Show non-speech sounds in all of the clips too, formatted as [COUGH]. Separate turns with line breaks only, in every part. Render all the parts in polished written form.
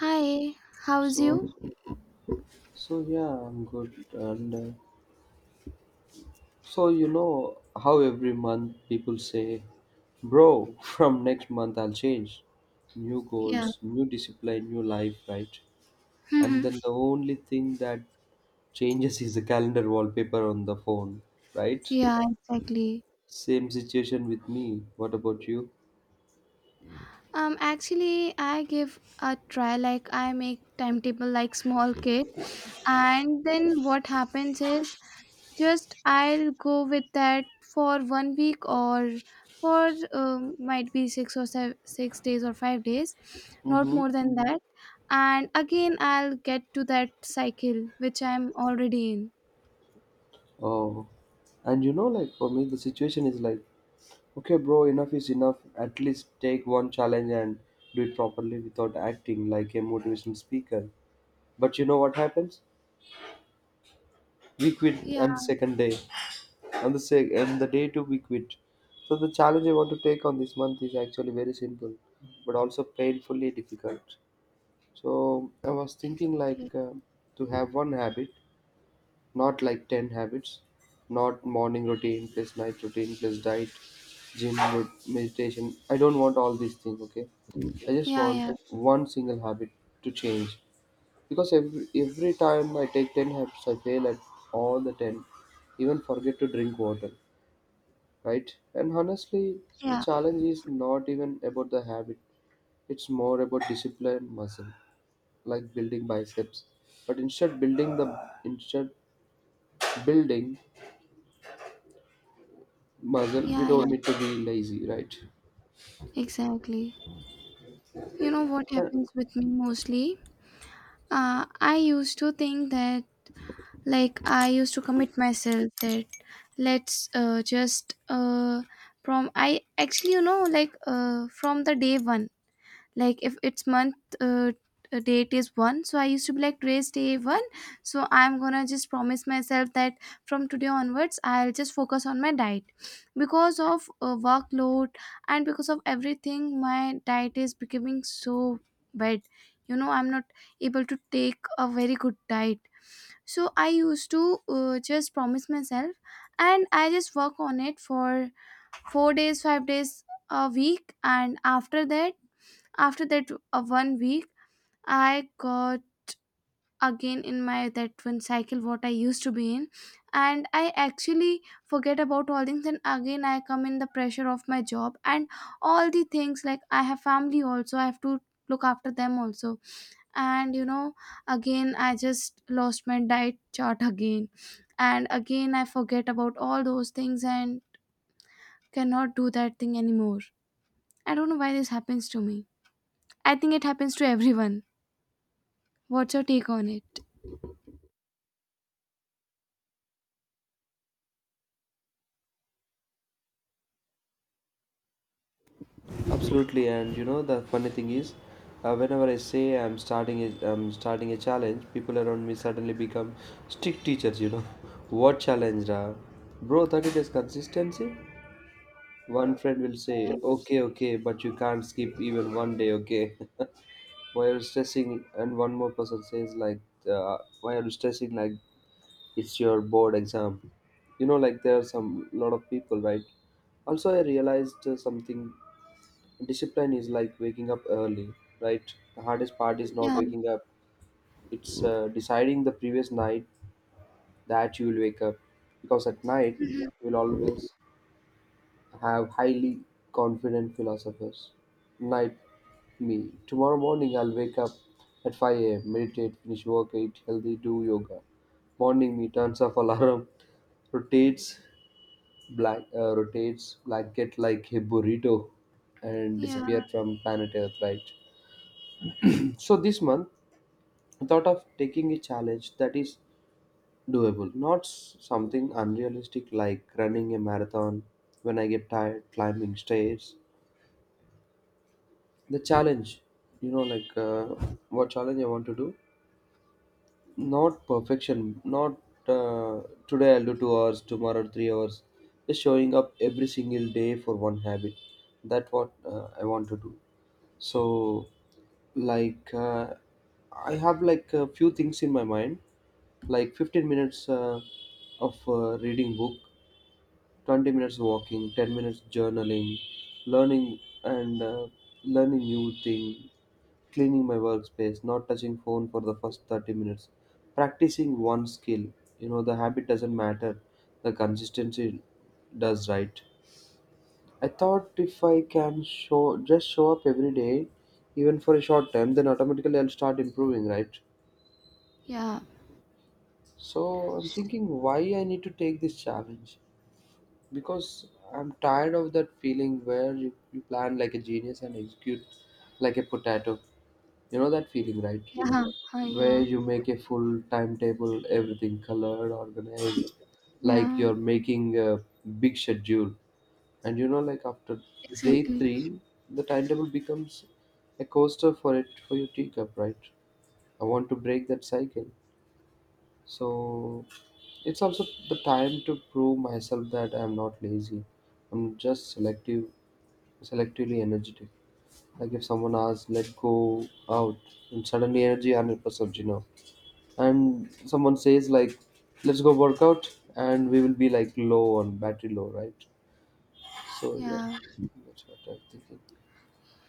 Hi, how's
So,
you?
so yeah, I'm good. And so you know how every month people say, "Bro, [LAUGHS] from next month I'll change." New
Yeah.
goals, new discipline, new life, right? And
Mm-hmm.
then the only thing that changes is the calendar wallpaper on the phone, right?
Yeah, exactly.
Same situation with me. What about you?
Actually, I give a try. Like, I make timetable like small kid, and then what happens is just I'll go with that for 1 week or for might be six or seven, 6 days or 5 days, not
Mm-hmm.
more than that. And again, I'll get to that cycle which I'm already in.
Oh, and you know, like for me, the situation is like okay, bro, enough is enough. At least take one challenge and do it properly without acting like a motivational speaker. But you know what happens? We quit
Yeah,
on the second day, and the day two we quit. So the challenge I want to take on this month is actually very simple, but also painfully difficult. So I was thinking like
exactly.
to have one habit. Not like 10 habits, not morning routine plus night routine plus diet, gym, meditation. I don't want all these things, okay? I just
Yeah,
want
yeah,
one single habit to change. Because every time I take 10 habits, I fail at all the 10, even forget to drink water, right? And honestly, the
yeah,
challenge is not even about the habit, it's more about discipline and muscle, like building biceps. But instead building the instead building muscle we
yeah.
don't need to be lazy, right?
Exactly. You know what happens with me mostly? I used to think that, like, I used to commit myself that let's just from I actually, you know, like from the day one, like if it's month uh, date is one, so I used to be like, today's day one, so I'm gonna just promise myself that from today onwards I'll just focus on my diet because of workload, and because of everything my diet is becoming so bad. You know, I'm not able to take a very good diet. So I used to just promise myself, and I just work on it for 4 days, 5 days a week, and after that, after that, 1 week, I got again in my that one cycle what I used to be in, and I actually forget about all things. And again, I come in the pressure of my job and all the things, like I have family also. I have to look after them also, and you know, again I just lost my diet chart again, and again I forget about all those things and cannot do that thing anymore. I don't know why this happens to me. I think it happens to everyone. What's your take on it?
Absolutely, and you know the funny thing is, whenever I say I'm starting a challenge, people around me suddenly become strict teachers. You know, [LAUGHS] what challenge, ra? Bro? 30 days consistency. One friend will say, okay, okay, but you can't skip even one day, okay? [LAUGHS] Why are you stressing? And one more person says like, why are you stressing? Like it's your board exam. You know, like there are some lot of people, right? Also, I realized something. Discipline is like waking up early, right? The hardest part is not
Yeah,
waking up, it's deciding the previous night that you will wake up. Because at night, you'll always have highly confident philosophers. Night me. Tomorrow morning, I'll wake up at 5 a.m., meditate, finish work, eat healthy, do yoga. Morning me turns off alarm, [LAUGHS] rotates black rotates blanket like a burrito, and
yeah,
disappear from planet Earth. Right? So this month, I thought of taking a challenge that is doable, not something unrealistic like running a marathon when I get tired, climbing stairs. The challenge, you know, like what challenge I want to do? Not perfection, not uh, today I'll do 2 hours, tomorrow 3 hours. Just showing up every single day for one habit. That what I want to do. So, like, uh, I have like a few things in my mind, like 15 minutes of reading book, 20 minutes walking, 10 minutes journaling, learning and learning new thing, cleaning my workspace, not touching phone for the first 30 minutes, practicing one skill. You know, the habit doesn't matter, the consistency does, right? I thought if I can show just show up every day, even for a short time, then automatically I'll start improving, right?
yeah,
So I'm thinking why I need to take this challenge because I'm tired of that feeling where you plan like a genius and execute like a potato. You know that feeling, right?
yeah, huh,
Where
yeah,
you make a full timetable, everything colored, organized, like
yeah,
you're making a big schedule. And you know like after day
exactly.
three the timetable becomes a coaster for it for your teacup, right? I want to break that cycle. So it's also the time to prove myself that I'm not lazy, I'm just selective, selectively energetic. Like if someone asks let go out and suddenly energy 100%, you know, and someone says like let's go work out and we will be like low on battery low, right? So yeah,
Yeah,
that's what I'm thinking.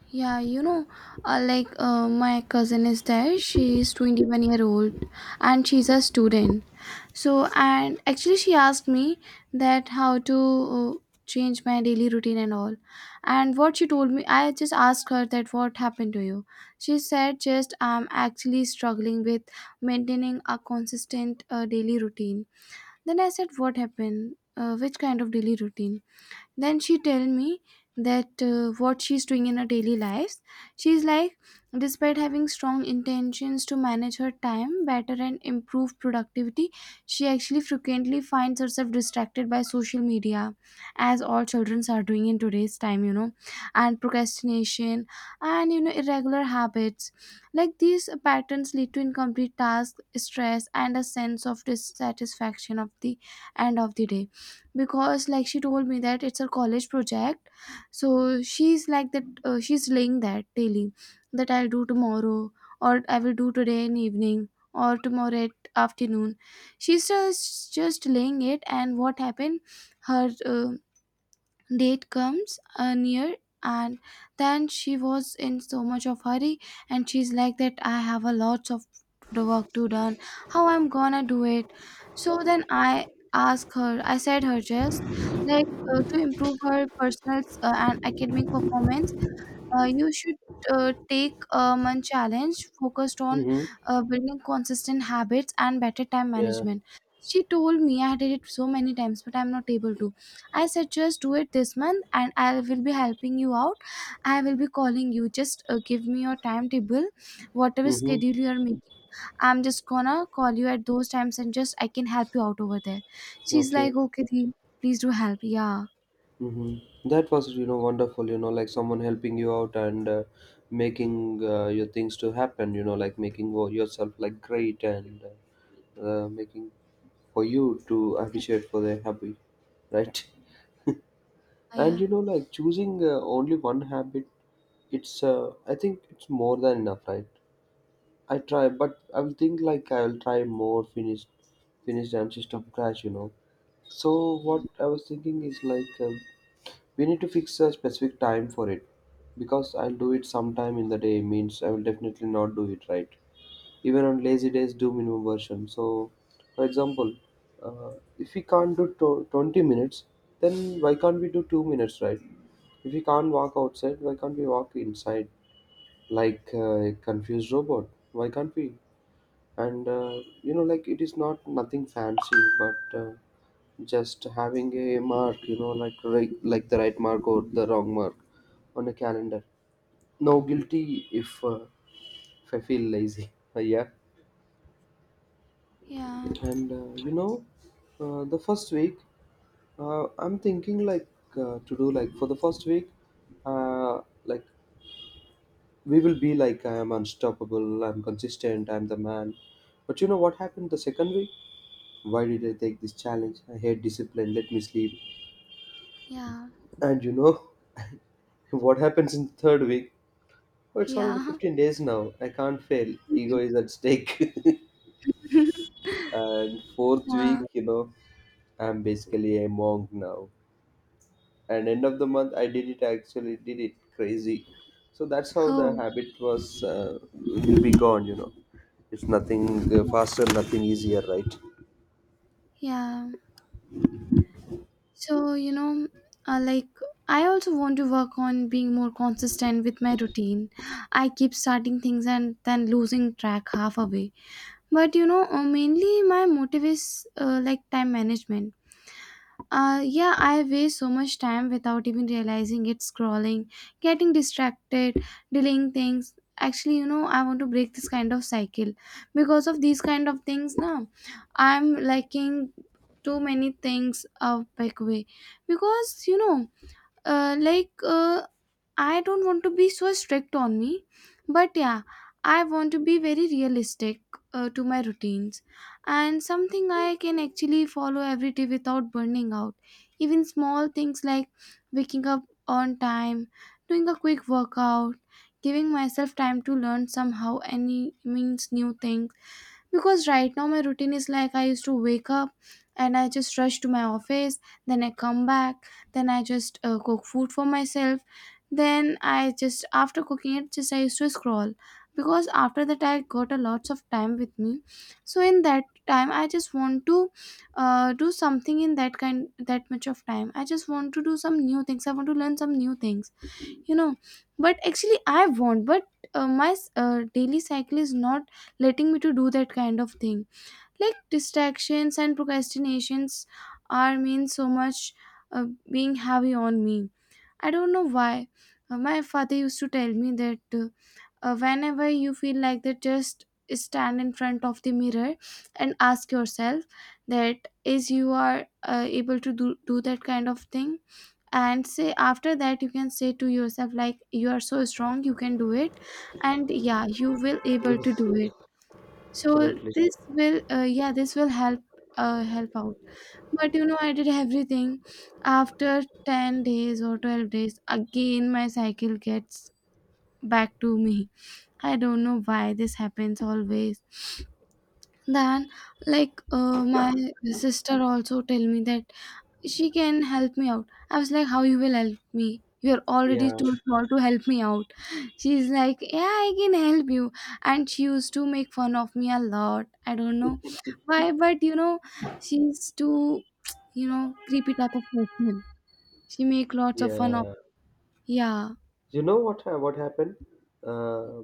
yeah, you know, my cousin is there, she's 21-year-old and she's a student. So, and actually, she asked me that how to uh, change my daily routine and all. And what she told me, I just asked her that what happened to you. She said, just I'm actually struggling with maintaining a consistent daily routine. Then I said, what happened? Which kind of daily routine? Then she tell me that what she's doing in her daily lives. She's like, despite having strong intentions to manage her time better and improve productivity, she actually frequently finds herself distracted by social media, as all children are doing in today's time, you know, and procrastination, and you know, irregular habits. Like these patterns lead to incomplete tasks, stress, and a sense of dissatisfaction of the end of the day. Because like she told me that it's her college project, so she's like that, she's laying that daily, that I'll do tomorrow, or I will do today in evening or tomorrow at afternoon. She's just laying it, and what happened, her date comes near, and then she was in so much of hurry, and she's like that, I have a lots of work to done. How I'm gonna do it? So then I asked her. I said her just like, to improve her personal and academic performance, you should take a month challenge focused on
Hmm.
building consistent habits and better time
Yeah.
management. She told me I did it so many times, but I'm not able to. I said, just do it this month and I will be helping you out. I will be calling you. Just give me your timetable, whatever
Mm-hmm.
schedule you are making. I'm just gonna call you at those times and just I can help you out over there. She's
Okay.
like, okay, Dee, please do help. Yeah.
Mm-hmm. That was, you know, wonderful, you know, like someone helping you out and making your things to happen, you know, like making yourself like great and making for you to appreciate for their hobby, right? [LAUGHS] And
Yeah.
you know, like choosing only one habit, it's, I think it's more than enough, right? I try, but I will think like I will try more finished and system crash, you know. So
Yeah.
what I was thinking is like. We need to fix a specific time for it because I'll do it sometime in the day means I will definitely not do it, right? Even on lazy days, do minimum version. So, for example, uh, if we can't do 20 minutes, then why can't we do 2 minutes, right? If we can't walk outside, why can't we walk inside like a confused robot? Why can't we? And you know, like it is not nothing fancy, but just having a mark, you know, like right, like the right mark or the wrong mark on a calendar, no guilty if I feel lazy. [LAUGHS] Yeah.
Yeah.
And you know, the first week, I'm thinking like to do like for the first week, like we will be like I am unstoppable, I'm consistent, I'm the man. But you know what happened the second week? Why did I take this challenge? I hate discipline, let me sleep.
Yeah.
And you know [LAUGHS] what happens in the third week? Oh, it's already
Yeah.
15
[LAUGHS]
days now. I can't fail. Ego is at stake. [LAUGHS] And fourth
Yeah.
week, you know, I'm basically a monk now. And end of the month, I did it. I actually did it. Crazy. So that's how the
Oh.
habit was. Will be gone. You know, it's nothing faster, nothing easier, right?
Yeah. So, you know, like I also want to work on being more consistent with my routine. I keep starting things and then losing track half away. But you know, mainly my motive is like time management. Yeah, I waste so much time without even realizing it, scrolling, getting distracted, delaying things. Actually, you know, I want to break this kind of cycle because of these kind of things. Now, I'm liking too many things a big way. Because you know, uh, like uh, I don't want to be so strict on me, but yeah, I want to be very realistic to my routines, and something I can actually follow every day without burning out. Even small things like waking up on time, doing a quick workout, giving myself time to learn somehow any means new things. Because right now my routine is like, I used to wake up and I just rush to my office, then I come back, then I just cook food for myself, then I just after cooking it just I used to scroll, because after that I got a lots of time with me. So in that time I just want to do something in that kind, that much of time I just want to do some new things, I want to learn some new things, you know. But actually I want, but my daily cycle is not letting me to do that kind of thing. Like distractions and procrastinations are mean so much, uh, being heavy on me. I don't know why. My father used to tell me that whenever you feel like that, just stand in front of the mirror and ask yourself that is you are able to do that kind of thing, and say after that you can say to yourself like you are so strong, you can do it, and yeah, you will able to
Yes,
do it. So
absolutely.
this will yeah, this will help help out. But you know, I did everything, after 10 days or 12 days again my cycle gets back to me. I don't know why this happens always. Then, my sister also tell me that she can help me out. I was like, how you will help me? You're already
Yeah,
too small to help me out. [LAUGHS] She's like, yeah, I can help you. And she used to make fun of me a lot. I don't know [LAUGHS] why, but you know, she's too, [TSK] you know, creepy type of person. She make lots of fun of,
yeah.
yeah,
You know what happened? Uh,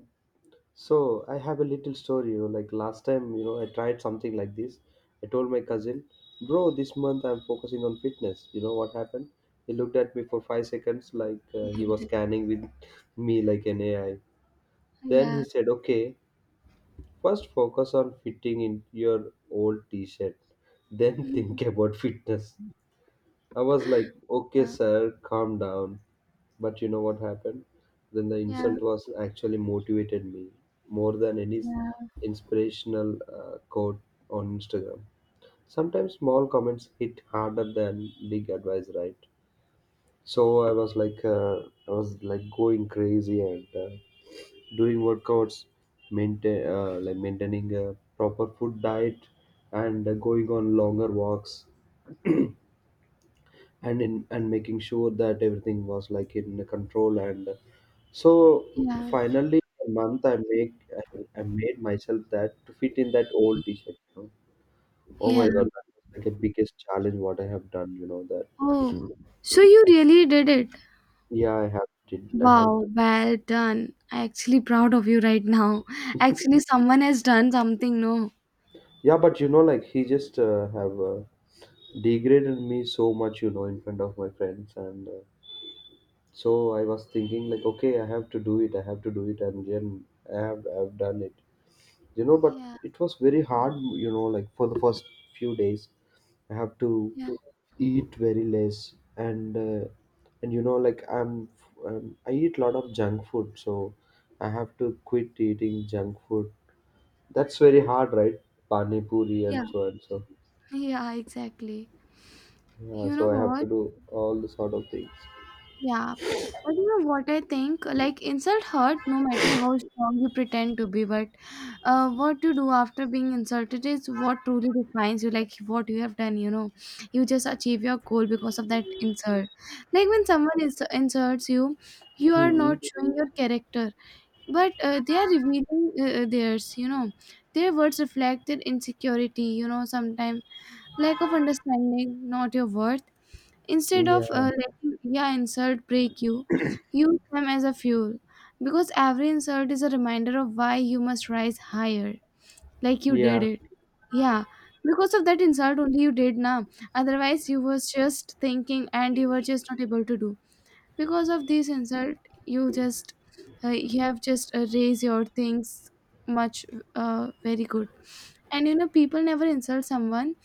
So I have a little story, you know, like last time, you know, I tried something like this. I told my cousin, bro, this month I'm focusing on fitness. You know what happened? He looked at me for 5 seconds like he was scanning with [LAUGHS] me like an AI. Then he
yeah,
said, okay, first focus on fitting in your old t-shirt,
[LAUGHS]
then [LAUGHS]
yeah,
think about fitness. I was like, okay, sir, calm down. But you know what happened? Then the
yeah,
insult was actually motivated me more than any
yeah,
inspirational quote on Instagram. Sometimes small comments hit harder than big advice, right? So I was like, going crazy and doing workouts, maintaining a proper food diet, and going on longer walks. And making sure that everything was like in control and so
yeah.
finally a month i, I made myself that to fit in that old t-shirt, you know. Oh
yeah
my god, that was like a biggest challenge what I have done, you know that.
Oh, so you really did it.
Yeah i have did i have
Wow, well done. I actually proud of you right now. Actually, someone has done something, no?
Yeah, but you know like he just have degraded me so much, you know, in front of my friends, and so I was thinking like, okay, I have to do it, and then I've done it, you know, but
Yeah,
it was very hard. You know, like for the first few days, I have to
yeah,
eat very less, and you know like I eat a lot of junk food, so I have to quit eating junk food. That's very hard, right? Pani puri
yeah,
and so and so.
yeah, exactly.
Yeah,
You know
so I have to
what?
do all the sort of things.
Yeah. But you know what I think? Like, insult hurt no matter how strong you pretend to be, but uh, what you do after being insulted is what truly defines you, like what you have done, you know. You just achieve your goal because of that insult. Like when someone is insults you, you are
Hmm.
not showing your character, but they are revealing theirs, you know. Their words reflect their insecurity, you know, sometimes lack of understanding, not your worth. Instead of
Yeah.
letting yeah insult break you, use them as a fuel, because every insult is a reminder of why you must rise higher. Like you did
Yeah.
it, yeah, because of that insult only you did now, otherwise you was just thinking and you were just not able to do. Because of this insult, you just you have just raised your things much, very good. And you know, people never insult someone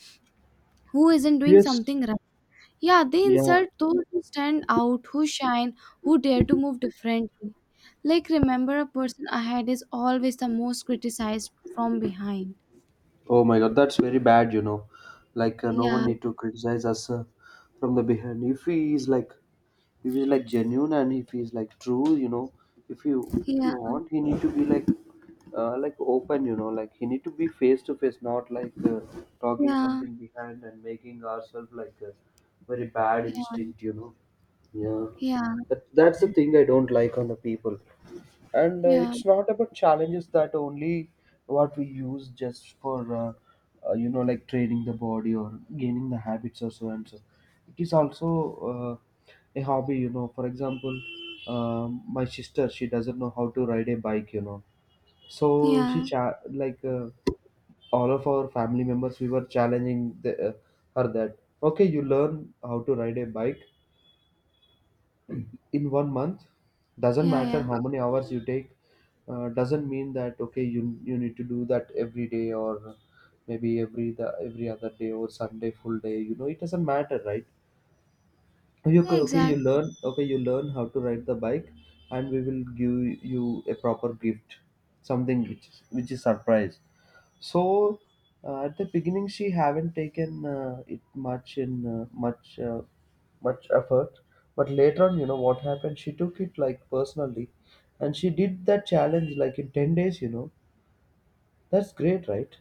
who isn't doing
Yes.
something right. Yeah, they
Yeah.
insult those who stand out, who shine, who dare to move differently. Like remember, a person ahead is always the most criticized from behind.
Oh my god, that's very bad, you know. Like no one
Yeah
need to criticize us from the behind. If he's like genuine and if he's like true, you know, if
yeah
you want, he need to be like open, you know, like he need to be face to face, not like talking
yeah
something behind and making ourselves like a very bad
yeah
instinct, you know. Yeah,
yeah
that's the thing I don't like on the people. And
yeah
it's not about challenges that only what we use just for training the body or gaining the habits or so and so. It is also a hobby, for example. My sister, she doesn't know how to ride a bike. So she
yeah
cha- like all of our family members, we were challenging her that, okay, you learn how to ride a bike in one month. Doesn't
yeah
matter
yeah
how many hours you take. Doesn't mean that, okay, you need to do that every day, or maybe every other day, or Sunday full day. It doesn't matter, right? Okay,
yeah
okay,
Exactly.
you learn how to ride the bike, and we will give you a proper gift, something which is surprise. So, at the beginning, she haven't taken it much effort. But later on, you know what happened? She took it like personally, and she did that challenge like in 10 days. You know, that's great, right?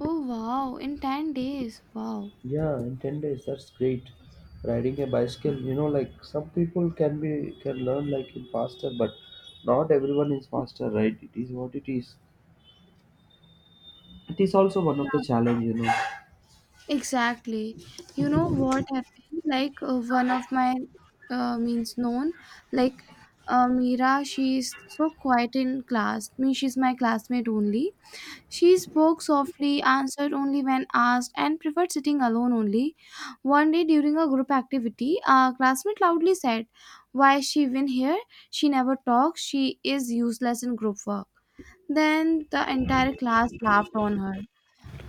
Oh wow, in 10 days, wow.
Yeah, in 10 days, that's great. Riding a bicycle, like some people can learn like in faster, but not everyone is faster, right? It is what it is. It is also one of the
Yeah.
challenge.
Exactly. You know what happened? One of my means known, like, Mira, she's so quiet in class. Me, she's my classmate only. She spoke softly, answered only when asked, and preferred sitting alone only. One day during a group activity, a classmate loudly said, "Why is she even here? She never talks. She is useless in group work." Then the entire class laughed on her.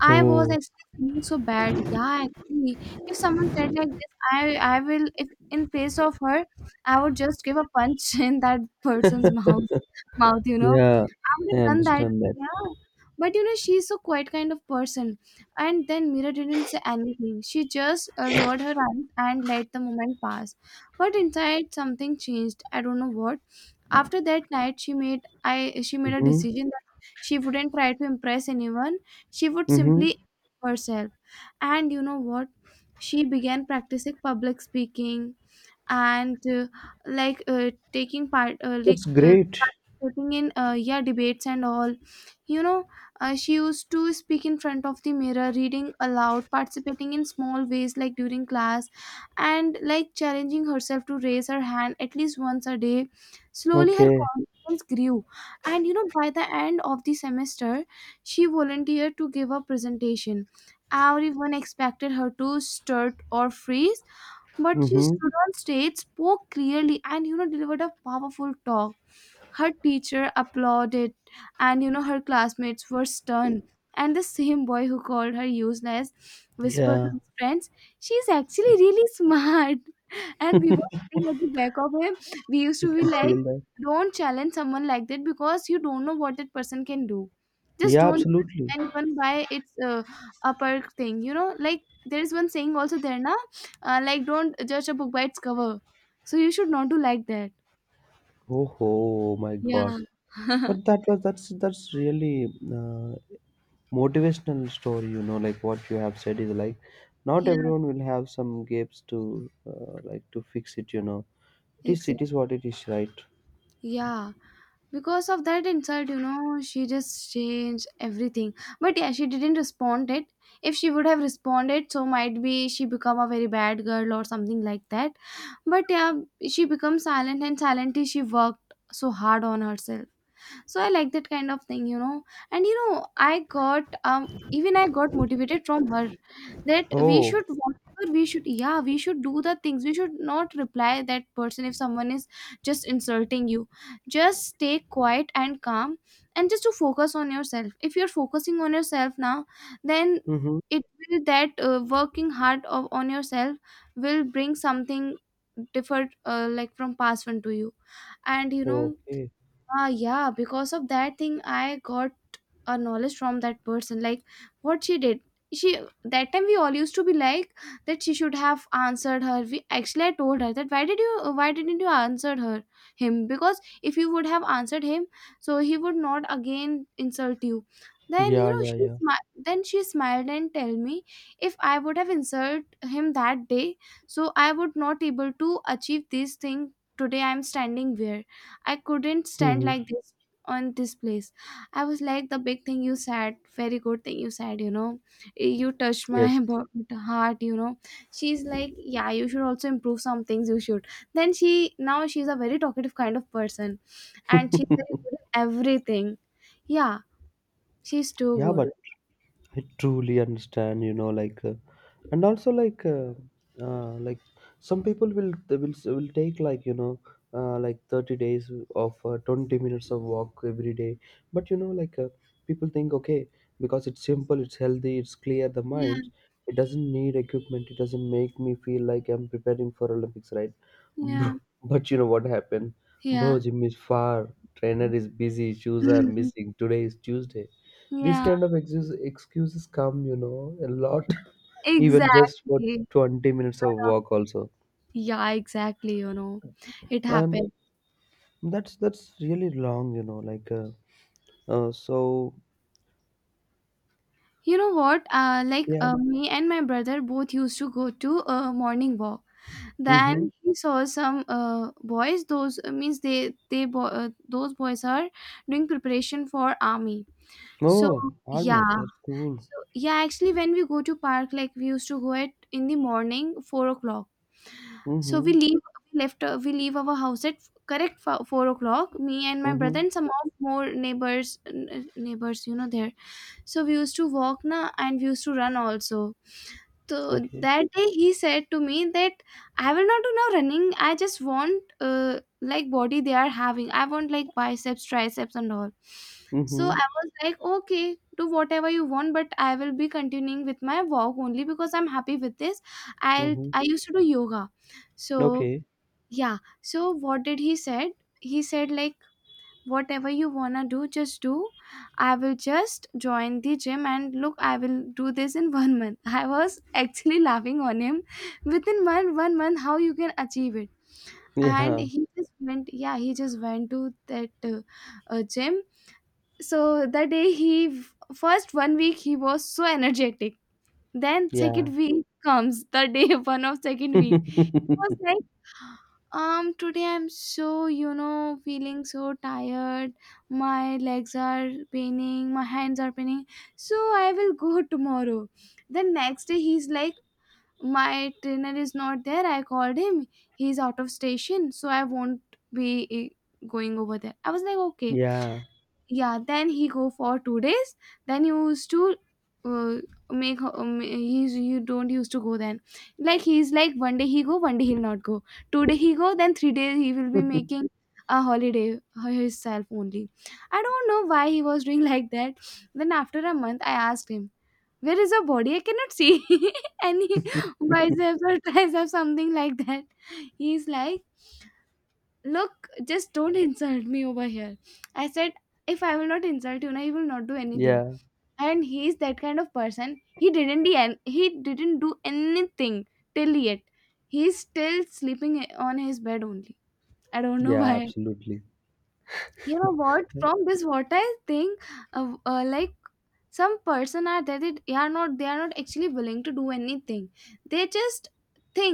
I was
Oh,
actually feeling so bad. Yeah, actually, if someone said like this, I will, if in place of her, I would just give a punch [LAUGHS] in that person's mouth, you know.
yeah,
I would
I
have done that.
understand that.
Yeah. But you know, she's so quiet kind of person. And then Mira didn't say anything. She just lowered her eyes and let the moment pass. But inside something changed. I don't know what. After that night, she made a
Mm-hmm.
decision that she wouldn't try to impress anyone. She would
Mm-hmm.
simply herself. And you know what? She began practicing public speaking and taking part
That's great.
participating in yeah debates and all you know she used to speak in front of the mirror reading aloud, participating in small ways like during class, and like challenging herself to raise her hand at least once a day. Slowly her
Okay.
confidence grew, and you know, by the end of the semester she volunteered to give a presentation. Everyone expected her to start or freeze, but she
Mm-hmm.
stood on stage, spoke clearly, and delivered a powerful talk. Her teacher applauded, and you know, her classmates were stunned. And the same boy who called her useless whispered to
Yeah,
his friends, "She's actually really [LAUGHS] smart." And we were sitting at the back of him. We used
you
to be
can
like,
feel that.
don't challenge someone like that, because you don't know what that person can do. Just
Yeah,
don't
absolutely.
judge anyone by its upper thing, you know. Like there is one saying also there na, like don't judge a book by its cover. So you should not do like that.
Oh, oh my God.
Yeah. [LAUGHS]
But that was that's really motivational story. Like what you have said is like, not
Yeah,
everyone will have some gaps to to fix it. It is it
exactly.
is what it is, right?
Yeah, because of that insult, you know, she just changed everything. But yeah, she didn't respond it. If she would have responded, so might be she become a very bad girl or something like that. But yeah, she become silent, and silently she worked so hard on herself. So I like that kind of thing, you know. And you know, I got motivated from her. That we
Oh.
should, whatever, we should do the things. We should not reply that person if someone is just insulting you. Just stay quiet and calm, and just to focus on yourself. If you're focusing on yourself now, then
Mm-hmm.
it will, that working hard on yourself, will bring something different, like, from past one to you. And you know,
Okay.
Yeah, because of that thing, I got a knowledge from that person. Like, what she did. She, that time we all used to be like, that she should have answered her. We actually I told her, that why didn't you answer her him, because if you would have answered him, so he would not again insult you. Then you
Yeah,
know,
yeah,
she
yeah.
smi- then she smiled and tell me, if I would have insulted him that day, so I would not able to achieve this thing today. I'm standing where I couldn't stand
Mm-hmm.
like this on this place. I was like, the big thing you said, very good thing you said, you know, you touched my
Yes.
[LAUGHS] heart, you know. She's like, yeah, you should also improve some things, you should. Then she, now she's a very talkative kind of person,
[LAUGHS]
and she's very good at everything. Yeah, she's too
Yeah,
good.
but I truly understand, like, and also like some people will they will take like, like 30 days of 20 minutes of walk every day. But like people think, okay, because it's simple, it's healthy, it's clear the
Yeah,
minds. It doesn't need equipment. It doesn't make me feel like I'm preparing for Olympics, right? [LAUGHS]
yeah,
Bro- But you know what happened,
yeah.
bro? Gym is far. Trainer is busy. Shoes are
[LAUGHS]
missing. Today is Tuesday. These
Yeah,
kind of excuses come, a lot, [LAUGHS] even just for
exactly.
20 minutes of walk also.
Yeah, exactly, you know. It
And
happens.
that's really long, like so,
You know what?
yeah.
Me and my brother both used to go to a morning walk.
Mm-hmm.
Then he saw some boys. Those means those boys are doing preparation for army. So
Oh, army,
yeah,
that's cool.
so yeah. Actually, when we go to park, like we used to go at in the morning 4 o'clock. So
Mm-hmm.
we leave our house at correct 4 o'clock. Me and my
Mm-hmm.
brother and some of more neighbors. You know there. So we used to walk na, and we used to run also. So
Okay.
that day he said to me that, I will not do now running. I just want like body they are having. I want like biceps, triceps, and all. So
Mm-hmm.
I was like, okay, do whatever you want, but I will be continuing with my walk only because I'm happy with this. I'll
Mm-hmm.
I used to do yoga, so
Okay.
yeah. So what did he said? He said like, whatever you wanna do just do. I will just join the gym and look, I will do this in [LAUGHS] one month. I was actually laughing on him, within one month how you can achieve it. And
Yeah.
he just went, yeah, he just went to that gym. So that day he, first one week he was so energetic, then
Yeah.
second week comes, the day [LAUGHS] one of second week, it was
[LAUGHS]
like, today I'm so, you know, feeling so tired. My legs are paining, my hands are paining. So I will go [LAUGHS] tomorrow. Then next day he's like, my trainer is not there. I called him. He's out of station, so I won't be, going over there. I was like, okay.
Yeah.
Yeah, then he go for two days, then he used to uh, make ma- he's you don't used to go. Then like he's like, one day he go, one day he'll not go, two-day he go, then three days he will be
[LAUGHS]
making a holiday for himself only. I don't know why he was doing [LAUGHS] like that. Then after a month I asked him, where is your body? I cannot see [LAUGHS] any biceps or triceps [LAUGHS] something like that. He's like, look, just don't [LAUGHS] insult me over here. I said, if I will not insult you na, he will not do anything.
Yeah.
And he is that kind of person, he didn't do, he didn't do anything till yet. He is still sleeping on his bed only. I don't know [LAUGHS]
Yeah,
why.
absolutely.
You know what,
[LAUGHS]
from this what I think, like, some person are there that they are not actually willing to do anything. They just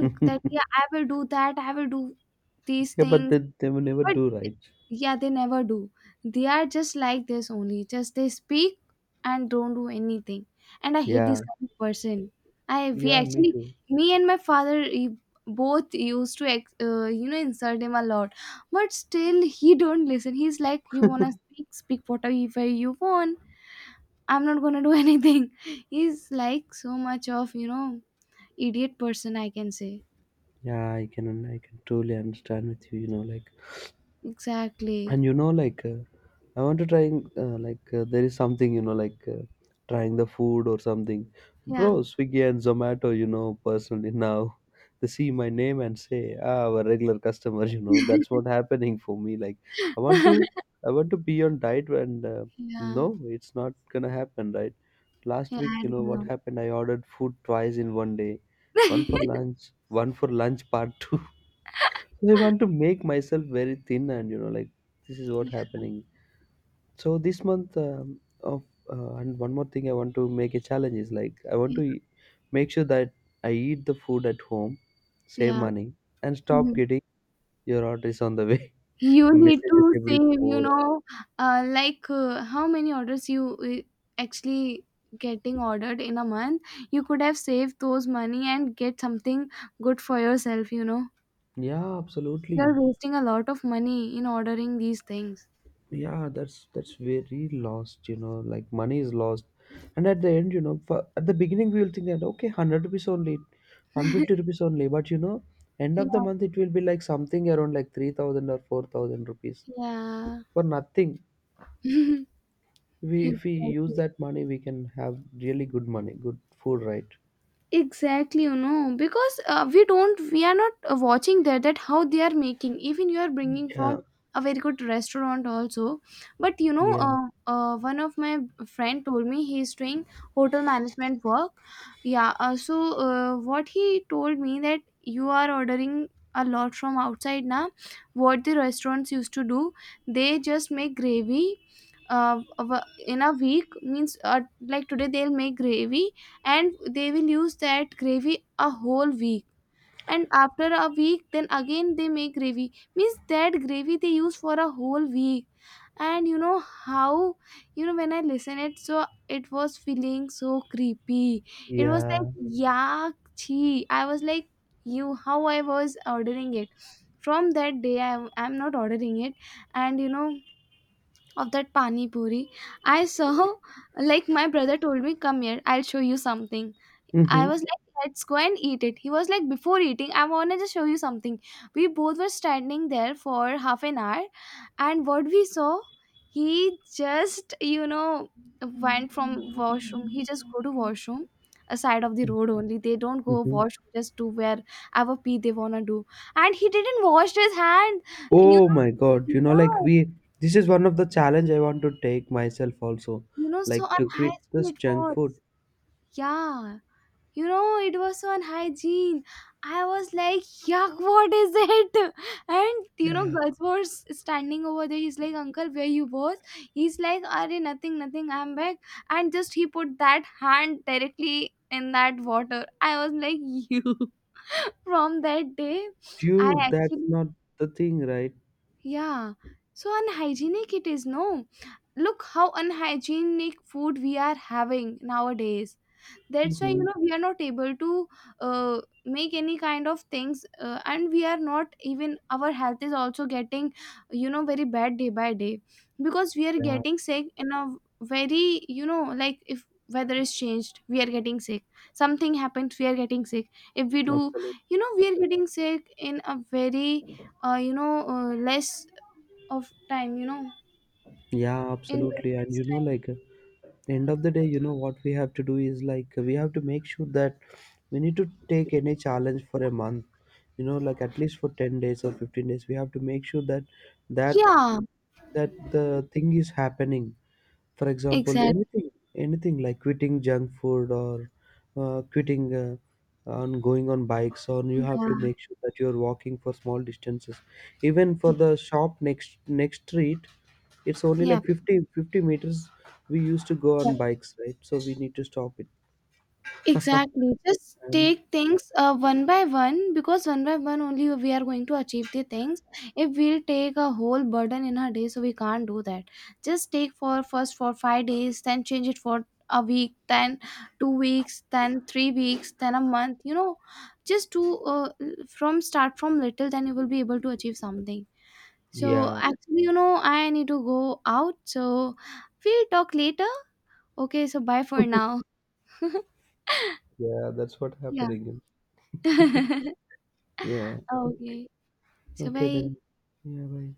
Yeah,
that, yeah, I will do these
but
things.
they will never
But
do,
th-
right.
yeah, they never do. They are just like this only. Just they speak and don't do anything. And I hate this
Yeah.
kind of person. I we
Yeah, me
actually
too.
me and my father both used to you know, insult him a lot, but still he don't listen. He's like, you wanna
[LAUGHS]
speak, speak whatever you want. I'm not gonna do [LAUGHS] anything. He's like, so much of you know, idiot person, I can say.
Yeah, I can truly understand with you, like,
Exactly.
and like I want to try like, there is something like, trying the food or something. Bro,
Yeah.
Swiggy and Zomato, personally [LAUGHS] now they see my name and say, ah, I a regular customer. [LAUGHS] That's what happening for me, like. i want to
[LAUGHS]
i want to be on diet, and
Yeah. Yeah.
no, it's not gonna happen, right? Last week,
I
you know what
don't
happened? I ordered food twice in one day.
know.
one for
[LAUGHS]
lunch one for lunch part [LAUGHS] two. I want to make myself very thin, and like, this is what
Yeah,
happening. So this month, of and one more thing I want to make a challenge is, like, I want to make sure that I eat the food at home, save
yeah.
money, and stop
Mhm.
getting your orders on the way.
You
[LAUGHS]
need
Messages
to
every
save, you
4 hours.
know, how many orders you actually getting ordered in a month. You could have saved those money and get something good for yourself, you know.
Yeah, absolutely.
You're wasting a lot of money in ordering these things.
Yeah, that's very lost, like money is lost, and at the end, at the beginning, we will think that, okay, 100 rupees only, 150 rupees only, but end of the
Yeah,
month, it will be like something around like 3,000 or 4,000 rupees
yeah,
for nothing. We If we
exactly.
use that money, we can have really good money, good food, right?
Exactly, you know, because we don't, we are not watching there that how they are making. Even you are bringing
Yeah,
from a very good restaurant also, but you know,
yeah,
one of my friend told me he is doing hotel management work. Yeah, so what he told me, that you are ordering a lot from outside now. What the restaurants used to do, they just make gravy in a week, means like today they'll make gravy, and they will use that gravy a whole week. And after a week, then again they make gravy, means that gravy they use for a whole week. And you know how, you know, when I listen it, so it was feeling so creepy. It was
yeah.
like, yuck, chi. I was like, you, how I was ordering it. From that day I am not ordering it. And you know, of that pani puri, I saw [LAUGHS] like, my brother told me, come here, I'll show you something. I was like, let's go and eat it. He was like, before eating, I want to just show you something. We both were standing there for half an hour, and what we saw, he just, you know, went from washroom.
Mm-hmm.
He just go to washroom, a side of the road only. They don't go washroom, just to where ever pee they wanna do. And he didn't wash his hand. You
Oh my God,
know,
like,
yeah,
this is one of the challenge I want to take myself also,
you know, so
like to quit this
unhygienic it
junk
was.
food.
Yeah. You know, it was so unhygiene. I was like, yuck, what is it? [LAUGHS] And you know,
Yeah.
girls was standing over there, he's like, uncle, where you was? He's like, are, nothing nothing, I'm back. And just he put that hand directly in that water. I was like, you. [LAUGHS] From that day I
Dude, that's
actually,
not the thing, right?
yeah, so unhygienic it is, no? Look how unhygienic food we are having nowadays. That's why you
Mm-hmm.
know, we are not able to make any kind of things. And we are not even, our health is also getting, you know, very bad day by day. Because we are
Yeah,
getting sick in a very, you know, like if weather is changed we are getting sick, something happens we are getting sick, if we do,
absolutely.
you know, we are getting sick in a very you know, less of time, you know.
Yeah,
In very
absolutely. And
less time.
like, end of the day, what we have to do is, like, we have to make sure that we need to take any challenge for a month, like at least for 10 days or 15 days. We have to make sure that
Yeah,
that the thing is happening. For example,
exactly.
anything like quitting junk food, or quitting on going on bikes, or you have to make sure that you're walking for small distances, even for the shop next street. It's only
Yeah.
like fifty meters. We used to go
Yeah.
on bikes, right? So we need to stop it.
Exactly. Just
And
take things one by one, because one by one only we are going to achieve the things. If we'll take a whole burden in a day, so we can't do that. Just take for first for five days, then change it for a week, then two weeks, then three weeks, then a month. You know, just to from start from little, then you will be able to achieve something. So
yeah.
actually, you know, I need to go out. So we'll talk later. Okay. So bye for now. [LAUGHS]
Yeah, that's what
Yeah.
happening.
[LAUGHS]
Yeah.
哦，可
Okay,
以，小
okay
妹。
then, yeah, bye.